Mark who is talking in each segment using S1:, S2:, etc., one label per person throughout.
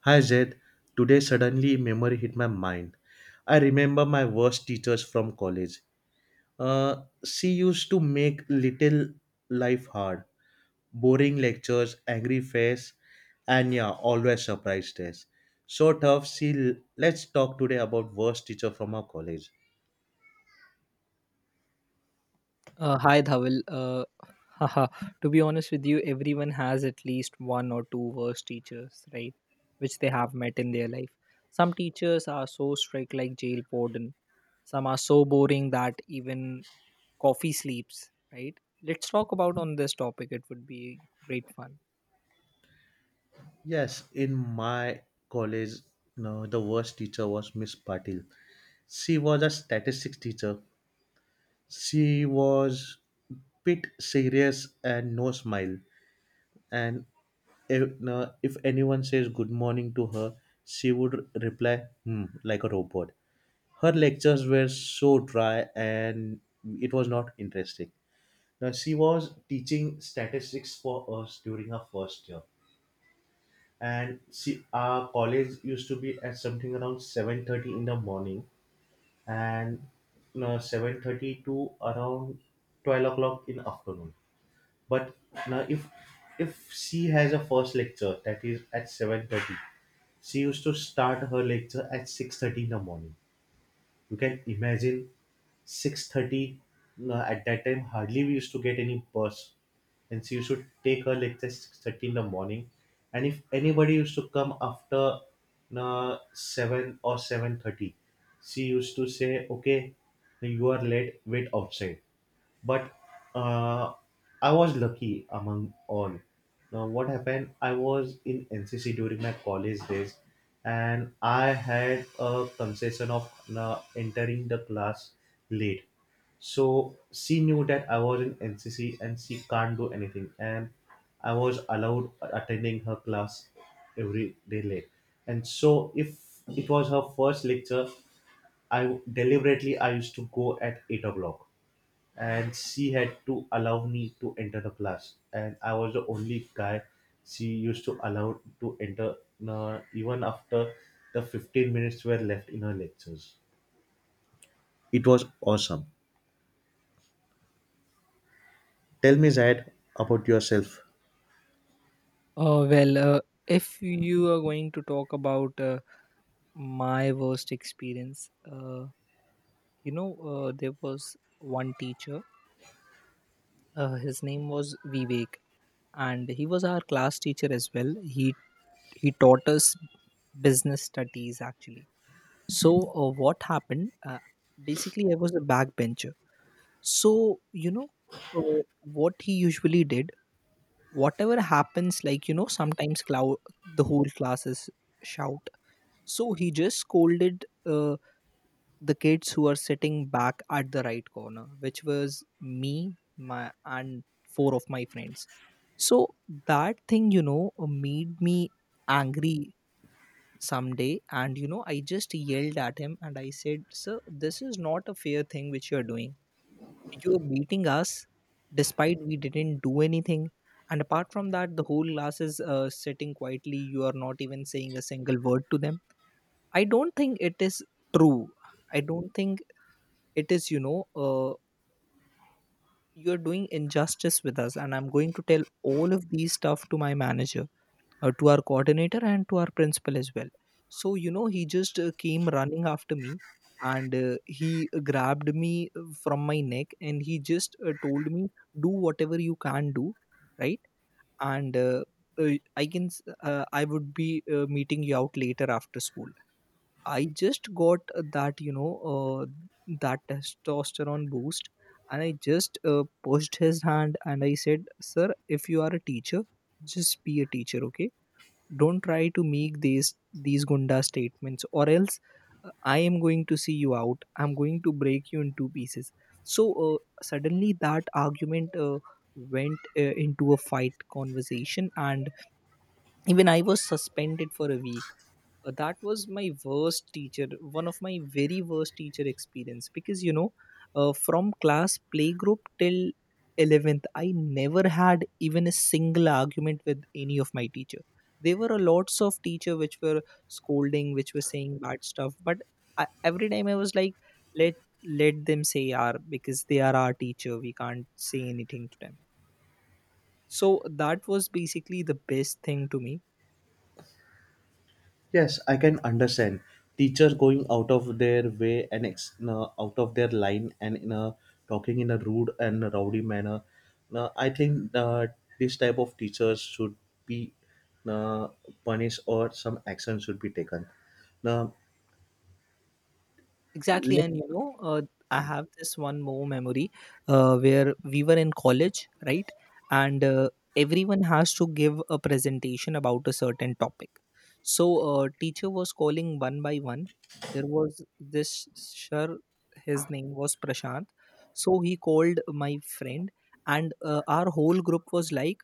S1: Hi Zed, today suddenly memory hit my mind. I remember my worst teachers from college. She used to make little life hard. Boring lectures, angry face, and yeah, always surprised us. So tough, see, let's talk today about worst teacher from our college.
S2: Hi, Dhawal. Haha. To be honest with you, everyone has at least one or two worst teachers, right? Which they have met in their life. Some teachers are so strict, like jail warden. Some are so boring that even coffee sleeps, right? Let's talk about on this topic. It would be great fun.
S1: Yes, in my college, no, the worst teacher was Miss Patil. She was a statistics teacher. She was bit serious and no smile. And if anyone says good morning to her, she would reply hmm, like a robot. Her lectures were so dry and it was not interesting. Now she was teaching statistics for us during her first year, and she our college used to be at something around 7:30 in the morning, and 7:30 to around 12 o'clock in afternoon. But now if she has a first lecture that is at 7:30, she used to start her lecture at 6:30 in the morning. You can imagine 6:30. At that time hardly we used to get any bus, and she used to take her lecture 6:30 in the morning. And if anybody used to come after 7 or 7:30, she used to say, okay, you are late, wait outside. But uh, I was lucky among all. Now, what happened? I was in NCC during my college days, and I had a concession of entering the class late. So she knew that I was in NCC, and she can't do anything. And I was allowed attending her class every day late. And so, if it was her first lecture, I deliberately I used to go at 8 o'clock, and she had to allow me to enter the class, and I was the only guy she used to allow to enter, even after the 15 minutes were left in her lectures. It was awesome. Tell me, Zad, about yourself.
S2: Well, if you are going to talk about my worst experience, you know, there was one teacher. His name was Vivek, and he was our class teacher as well. He taught us business studies actually. So what happened? Basically I was a backbencher, so you know, what he usually did, whatever happens, like you know, sometimes the whole classes shout, so he just scolded the kids who are sitting back at the right corner, which was me, my and four of my friends. So that thing, you know, made me angry someday. And you know, I just yelled at him and I said, "Sir, this is not a fair thing which you're doing. You're beating us despite we didn't do anything. And apart from that, the whole class is sitting quietly. You are not even saying a single word to them. I don't think it is true. I don't think it is. You're doing injustice with us, and I'm going to tell all of these stuff to my manager, to our coordinator and to our principal as well." So you know, he just came running after me, and he grabbed me from my neck, and he just told me, "Do whatever you can do, right? And I would be meeting you out later after school." I just got that, you know, that testosterone boost, and I just pushed his hand and I said, "Sir, if you are a teacher, just be a teacher, okay? Don't try to make these gunda statements, or else I am going to see you out. I'm going to break you in two pieces." So suddenly that argument went into a fight conversation, and even I was suspended for a week. That was my worst teacher, one of my very worst teacher experience, because you know, from class playgroup till 11th, I never had even a single argument with any of my teacher. There were a lots of teacher which were scolding, which were saying bad stuff, but I, every time I was like, let let them say are, because they are our teacher, we can't say anything to them. So that was basically the best thing to me.
S1: Yes, I can understand. Teacher going out of their way and ex- no, out of their line and talking in a rude and rowdy manner. No, I think this type of teachers should be uh, punished or some action should be taken. Now,
S2: Exactly, and
S1: lec-
S2: you know, I have this one more memory where we were in college, right? And everyone has to give a presentation about a certain topic. So, teacher was calling one by one. There was this sir, his name was Prashant. So he called my friend, and our whole group was like,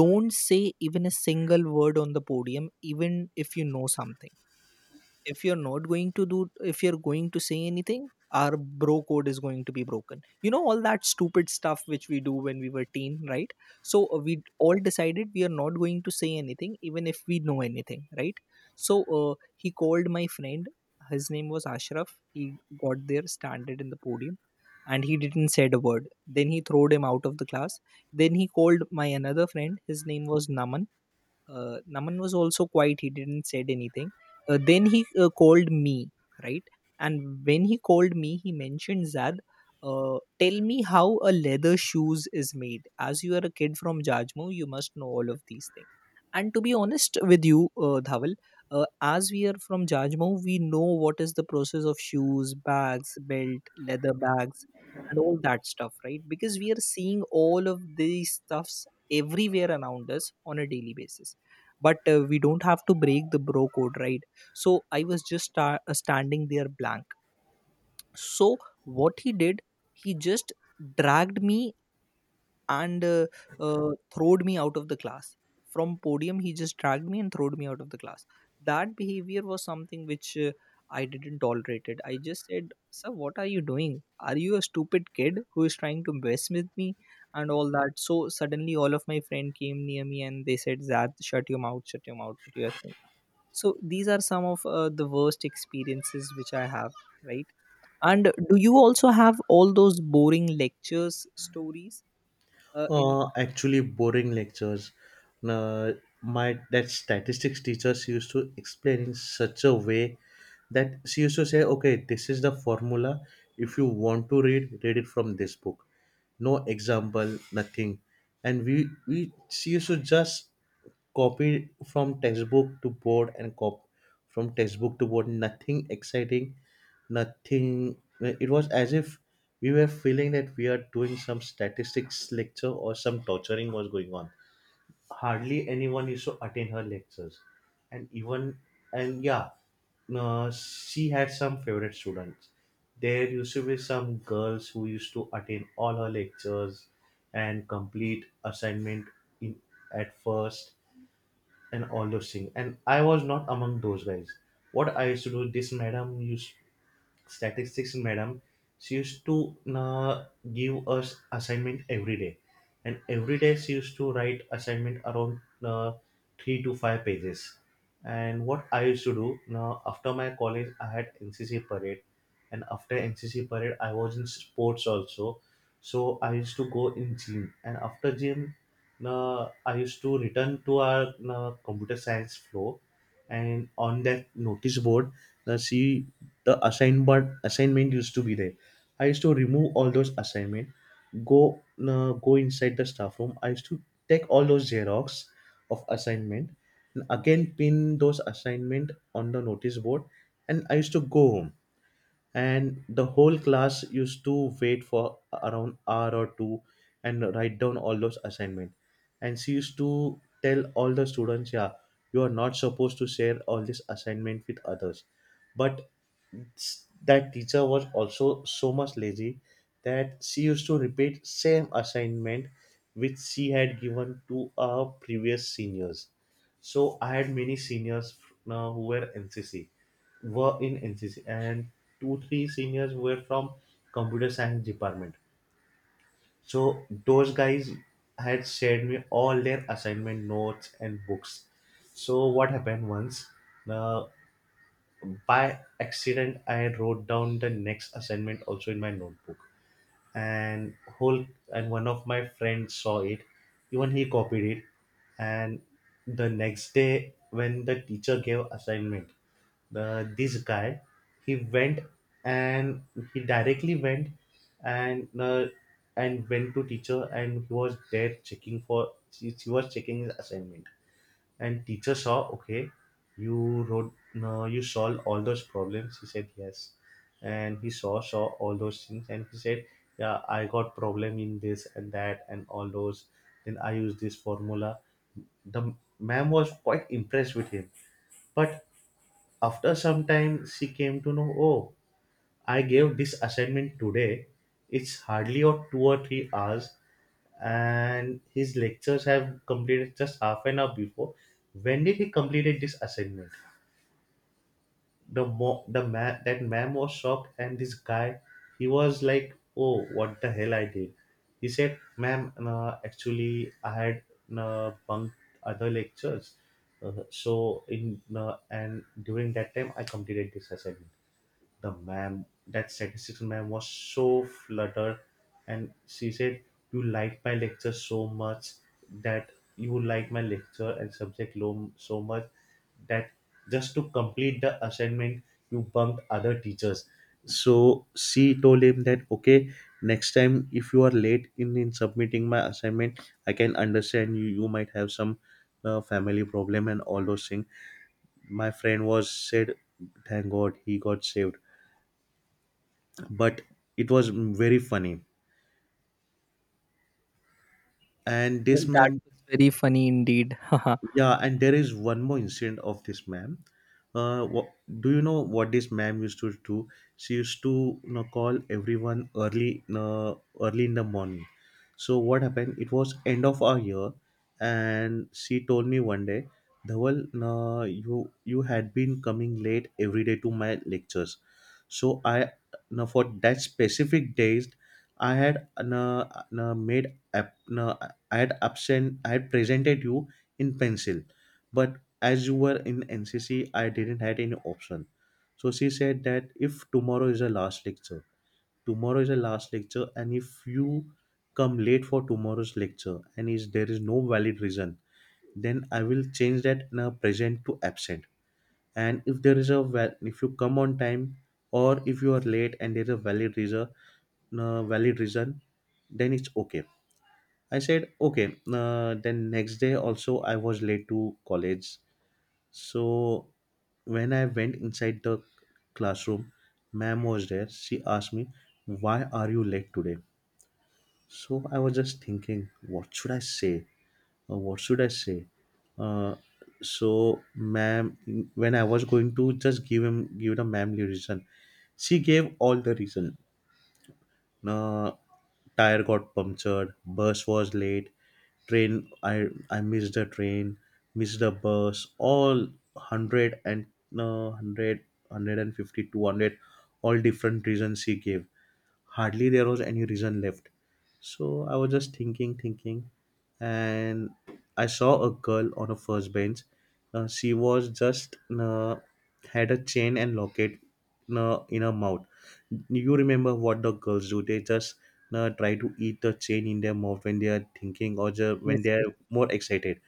S2: "Don't say even a single word on the podium, even if you know something. If you're not going to do, if you're going to say anything, our bro code is going to be broken, you know, all that stupid stuff which we do when we were teen, right?" So we all decided we are not going to say anything even if we know anything, right? So he called my friend, his name was Ashraf. He got there standard in the podium, and he didn't said a word. Then he throwed him out of the class. Then he called my another friend, his name was Naman. Naman was also quiet. He didn't said anything. Then he called me, right? And when he called me, he mentioned Zad. Tell me how a leather shoes is made. As you are a kid from Jajmo, you must know all of these things." And to be honest with you, Dhawal, as we are from Jajmo, we know what is the process of shoes, bags, belt, leather bags, and all that stuff, right? Because we are seeing all of these stuffs everywhere around us on a daily basis. But we don't have to break the bro code, right? So I was just standing there blank. So what he did, he just dragged me, and throwed me out of the class. From podium he just dragged me and throwed me out of the class. That behavior was something which I didn't tolerate it. I just said, "Sir, what are you doing? Are you a stupid kid who is trying to mess with me?" And all that. So suddenly all of my friend came near me and they said, "Zad, shut your mouth, shut your mouth, what you are saying?" So these are some of the worst experiences which I have, right? And do you also have all those boring lectures stories? In
S1: actually boring lectures. Now, my that statistics teachers used to explain in such a way that she used to say, okay, this is the formula, if you want to read it from this book. No example, nothing. And we she used to just copy from textbook to board, and cop from textbook to board. Nothing exciting, nothing. It was as if we were feeling that we are doing some statistics lecture or some torturing was going on. Hardly anyone used to attend her lectures. And even, and yeah, she had some favorite students. There used to be some girls who used to attend all her lectures and complete assignment in at first and all those things, and I was not among those guys. What I used to do, this madam used, statistics madam, she used to give us assignment every day. And every day she used to write assignment around uh, 3 to 5 pages. And what I used to do, now after my college I had NCC parade, and after NCC parade I was in sports also. So I used to go in gym, and after gym, I used to return to our computer science floor. And on that notice board, the see, the assignment used to be there. I used to remove all those assignment, go go inside the staff room. I used to take all those xerox of assignment and again pin those assignment on the notice board, and I used to go home. And the whole class used to wait for around hour or two and write down all those assignment. And she used to tell all the students, yeah, you are not supposed to share all this assignment with others. But that teacher was also so much lazy that she used to repeat same assignment which she had given to our previous seniors. So I had many seniors, who were in NCC, and two three seniors were from computer science department. So those guys had shared me all their assignment notes and books. So what happened once? Uh, by accident, I wrote down the next assignment also in my notebook, and whole and one of my friends saw it, even he copied it. And the next day when the teacher gave assignment, the this guy, he went and he directly went and uh, and went to teacher, and he was there checking for she was checking his assignment, and teacher saw, okay, you wrote, no, you solved all those problems. He said yes, and he saw all those things, and he said, yeah, I got problem in this and that and all those. Then I used this formula. The ma'am was quite impressed with him, but after some time, she came to know, oh, I gave this assignment today. It's hardly or 2 or 3 hours, and his lectures have completed just half an hour before. When did he completed this assignment? The man was shocked, and this guy, he was like, oh, what the hell I did? He said, ma'am, actually, I had bunked other lectures, so in and during that time, I completed this assignment. The ma'am, that statistics ma'am was so fluttered, and she said, you like my lecture so much that you like my lecture and subject so much that just to complete the assignment, you bumped other teachers. So she told him that, okay, next time if you are late in submitting my assignment, I can understand you. You might have some family problem and all those things. My friend was said, thank God he got saved, but it was very funny, and this
S2: That
S1: mem.
S2: was very funny indeed.
S1: Yeah, and there is one more incident of this ma'am. Uh, what, do you know what this ma'am used to do? She used to, call everyone early, early in the morning. So what happened? It was end of our year, and she told me one day, Dhawal, you had been coming late every day to my lectures. So I, now for that specific days, I had uh, made up- uh, I had presented you in pencil, but as you were in NCC I didn't had any option. So she said that if tomorrow is a last lecture, and if you come late for tomorrow's lecture and is there is no valid reason, then I will change that in a present to absent. And if there is a val- if you come on time, or if you are late and there is a valid reason, uh, valid reason then it's okay. I said, okay. Then next day also I was late to college. So when I went inside the classroom, ma'am was there. She asked me, why are you late today? So I was just thinking, what should I say? What should I say? Uh, so ma'am, when I was going to just give the ma'am the reason, she gave all the reason, uh, tire got punctured, bus was late, train, I missed the train, missed the bus, all 100 and no 100 150 200, all different reasons he gave. Hardly there was any reason left. So I was just thinking, and I saw a girl on a first bench. She was just had a chain and locket in her mouth. You remember what the girls do? They just try to eat the chain in their mouth when they are thinking or
S2: Yes,
S1: when they
S2: yes, yes.
S1: are more excited.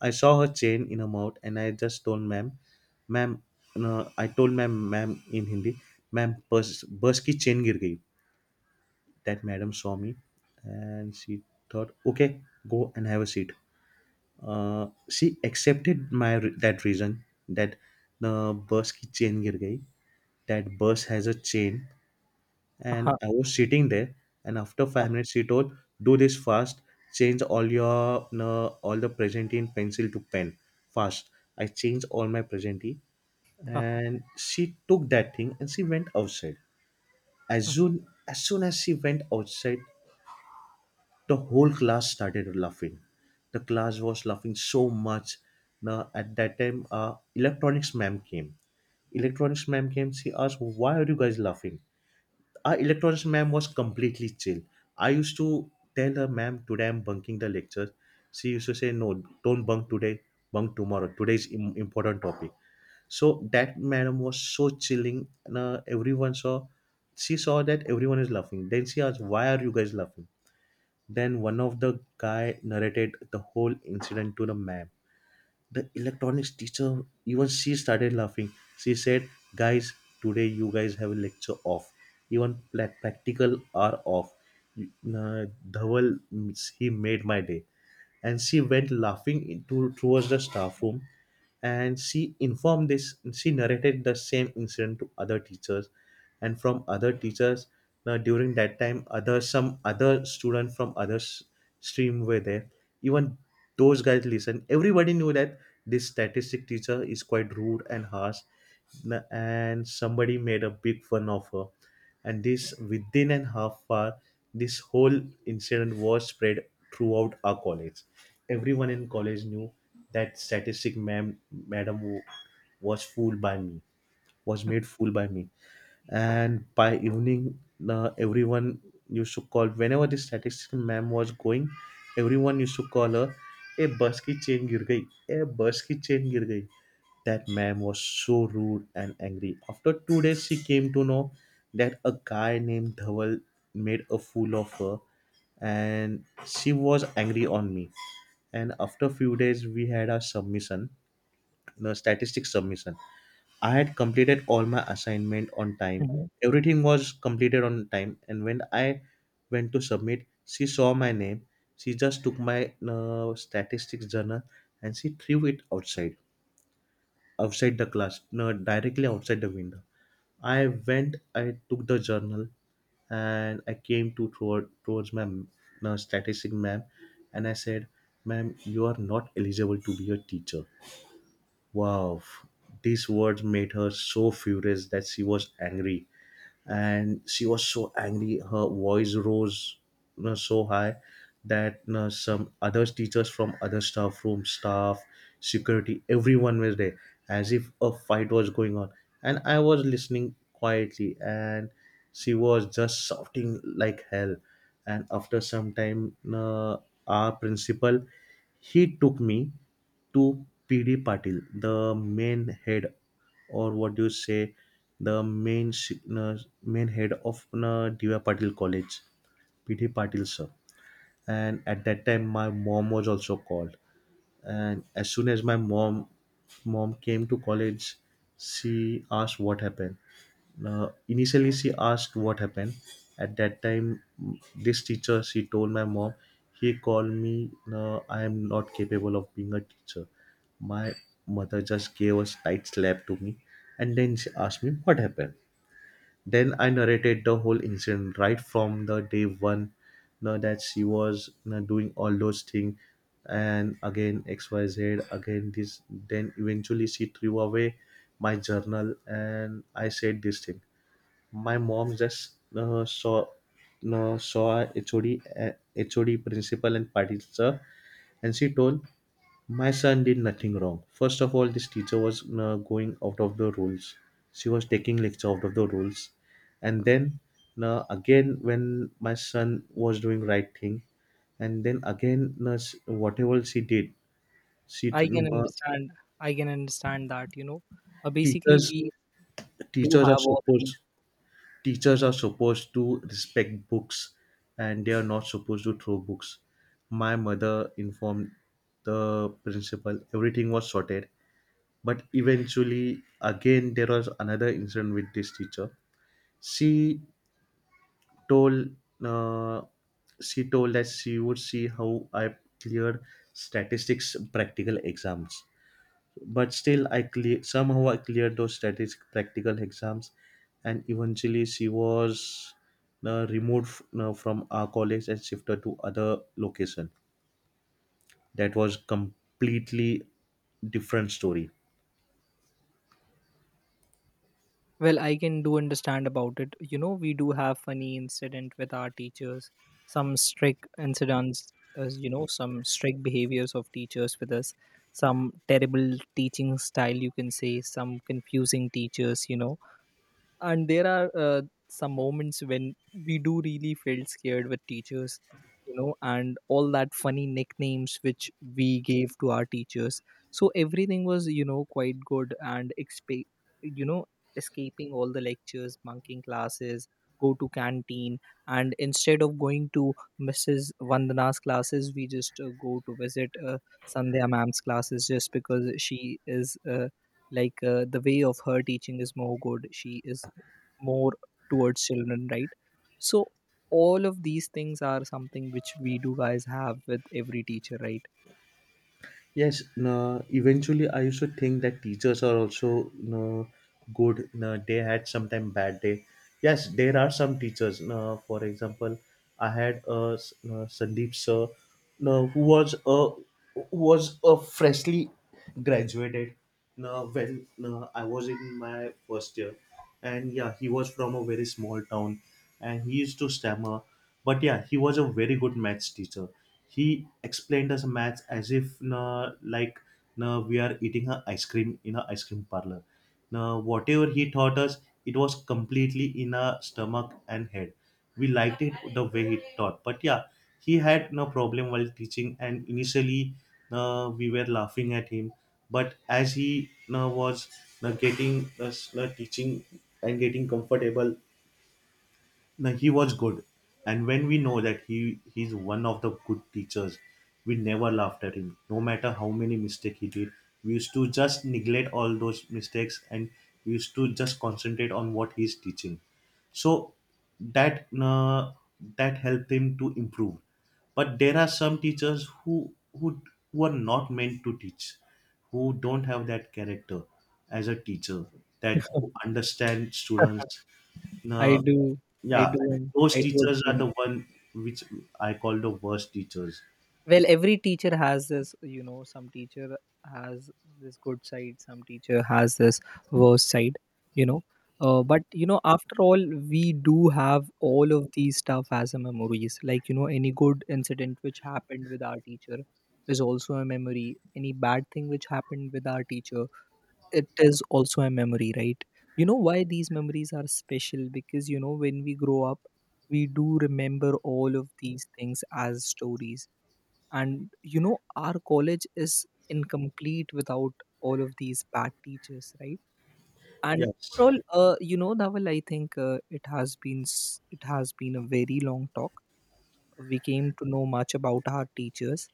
S1: I saw her chain in her mouth, and I just told ma'am, ma'am, ma'am in Hindi, ma'am, bus, bus ki chain gir gayi. That madam saw me, and she thought, okay, go and have a seat. She accepted my that reason that the bus ki chain gir gayi. That bus has a chain, and
S2: Haha,
S1: I was sitting there. And after
S2: haha,
S1: 5 minutes, she told, do this fast. Change all your all the present in pencil to pen, fast. I changed all my presentee,
S2: haha.
S1: and she took that thing and she went outside. As soon as soon as she went outside, the whole class started laughing. The class was laughing so much. Now at that time, electronics ma'am came. Electronics ma'am came. She asked, why are you guys laughing? Our electronics ma'am was completely chill. I used to tell her, ma'am, today I'm bunking the lecture. She used to say, no, don't bunk today. Bunk tomorrow. Today's important topic. So that madam was so chilling. And, everyone saw. She saw that everyone is laughing. Then she asked, "Why are you guys laughing?" Then one of the guy narrated the whole incident to the ma'am. The electronics teacher, even she started laughing. She said, "Guys, today you guys have a lecture off. Even practical are off." Uh, Dhawal, he made my day, and she went laughing into towards the staff room, and she informed this she narrated the same incident to other teachers. And from other teachers, now during that time, other some other student from other stream were there. Even those guys listened. Everybody knew that this statistic teacher is quite rude and harsh. And somebody made a big fun of her, and this within an half hour, this whole incident was spread throughout our college. Everyone in college knew that statistic ma'am, madam wa- was fooled by me, was made fool by me. And by evening, the everyone used to call, whenever the statistics ma'am was going, everyone used to call her, "A bus ki chain gir gayi, a bus ki chain gir gayi." That man was so rude and angry. After 2 days, she came to know that a guy named Dhawal made a fool of her, and she was angry on me. And after few days, we had our submission, the statistics submission. I had completed all my assignment on time.
S2: Mhm.
S1: Everything was completed on time. And when I went to submit, she saw my name. She just took my statistics journal, and she threw it outside, outside the class, no, directly outside the window. I went, I took the journal, and I came to towards my, no, statistic ma'am, and I said, "Ma'am, you are not eligible to be a teacher." Wow, these words made her so furious that she was angry. And she was so angry, her voice rose, you know, so high, that you know, some other teachers from other staff room, staff, security, everyone was there, as if a fight was going on. And I was listening quietly, and she was just shouting like hell. And after some time, you know, our principal, he took me to PD Patil, the main head, or what do you say, the uh, main head of Diva Patil College, PD Patil sir. And at that time, my mom was also called. And as soon as my mom came to college, she asked what happened. Initially, she asked what happened. At that time, this teacher, she told my mom he called me, I am not capable of being a teacher. My mother just gave a tight slap to me, and then she asked me what happened. Then I narrated the whole incident right from the day one, now that she was you doing all those things, and again XYZ, again this. Then eventually she threw away my journal, and I said this thing. My mom just saw, saw a HOD, HOD principal and party teacher, and she told my son did nothing wrong. First of all, this teacher was going out of the rules. She was taking lecture out of the rules, and then again when my son was doing right thing, and then again whatever she did, she
S2: I can
S1: uh,
S2: understand. I can understand that. You know, basically
S1: teachers
S2: we do
S1: teachers are
S2: have all these.
S1: supposed teachers are supposed to respect books, and they are not supposed to throw books. My mother informed the principal, everything was sorted. But eventually, again, there was another incident with this teacher. She told, uh, she told that she would see how I cleared statistics practical exams. But still, somehow I cleared those static practical exams, and eventually she was removed from our college and shifted to other location. That was completely different story.
S2: Well, I can do understand about it. You know, we do have funny incident with our teachers, some strict incidents, as you know, some strict behaviors of teachers with us, some terrible teaching style, you can say, some confusing teachers, you know. And there are some moments when we do really felt scared with teachers, you know, and all that funny nicknames which we gave to our teachers. So everything was, you know, quite good and you know, escaping all the lectures, bunking classes, go to canteen, and instead of going to Mrs. Vandana's classes, we just go to visit Sandhya ma'am's classes, just because she is, the way of her teaching is more good. She is more towards children, right? So all of these things are something which we do guys have with every teacher, right?
S1: Yes, no, eventually I used to think that teachers are also no good. No, they had sometime bad day. Yes, there are some teachers. No, for example, I had a no, Sandeep sir, no, who was a freshly graduated. No, when, no, I was in my first year, and yeah, he was from a very small town, and he used to stammer. But yeah, he was a very good maths teacher. He explained us a match as if na, like na, we are eating a ice cream in a ice cream parlor. Now whatever he taught us, it was completely in our stomach and head. We liked it the way he taught. But yeah, he had no problem while teaching, and initially, we were laughing at him. But as he was, getting us, teaching and getting comfortable, no, he was good. And when we know that he's one of the good teachers, we never laughed at him. No matter how many mistakes he did, we used to just neglect all those mistakes, and we used to just concentrate on what he's teaching. So that that helped him to improve. But there are some teachers who are not meant to teach, who don't have that character as a teacher, that who understand students,
S2: I
S1: uh,
S2: do,
S1: yeah,
S2: I
S1: those
S2: do
S1: teachers
S2: agree
S1: are the
S2: with.
S1: one which I call the worst teachers.
S2: Well, every teacher has this, you know, some teacher has this good side, some teacher has this worst side, you know. But you know, after all, we do have all of these stuff as a memories. Like you know, any good incident which happened with our teacher is also a memory. Any bad thing which happened with our teacher, it is also a memory, right? You know why these memories are special? Because you know, when we grow up, we do remember all of these things as stories. And you know, our college is incomplete without all of these bad teachers, right? And
S1: Yes.
S2: overall, you know, Dhaval, I think it has been a very long talk. We came to know much about our teachers.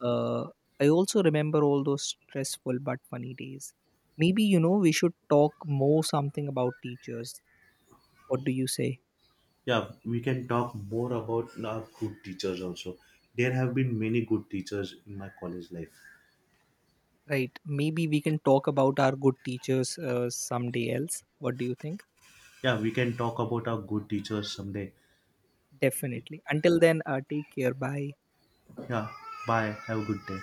S2: uh, I also remember all those stressful but funny days. Maybe you know, we should talk more something about teachers. What do you say?
S1: Yeah, we can talk more about our good teachers also. There have been many good teachers in my college life.
S2: Right, maybe we can talk about our good teachers someday else. What do you think?
S1: Yeah, we can talk about our good teachers someday.
S2: Definitely. Until then, take care. Bye.
S1: Yeah, bye. Have a good day.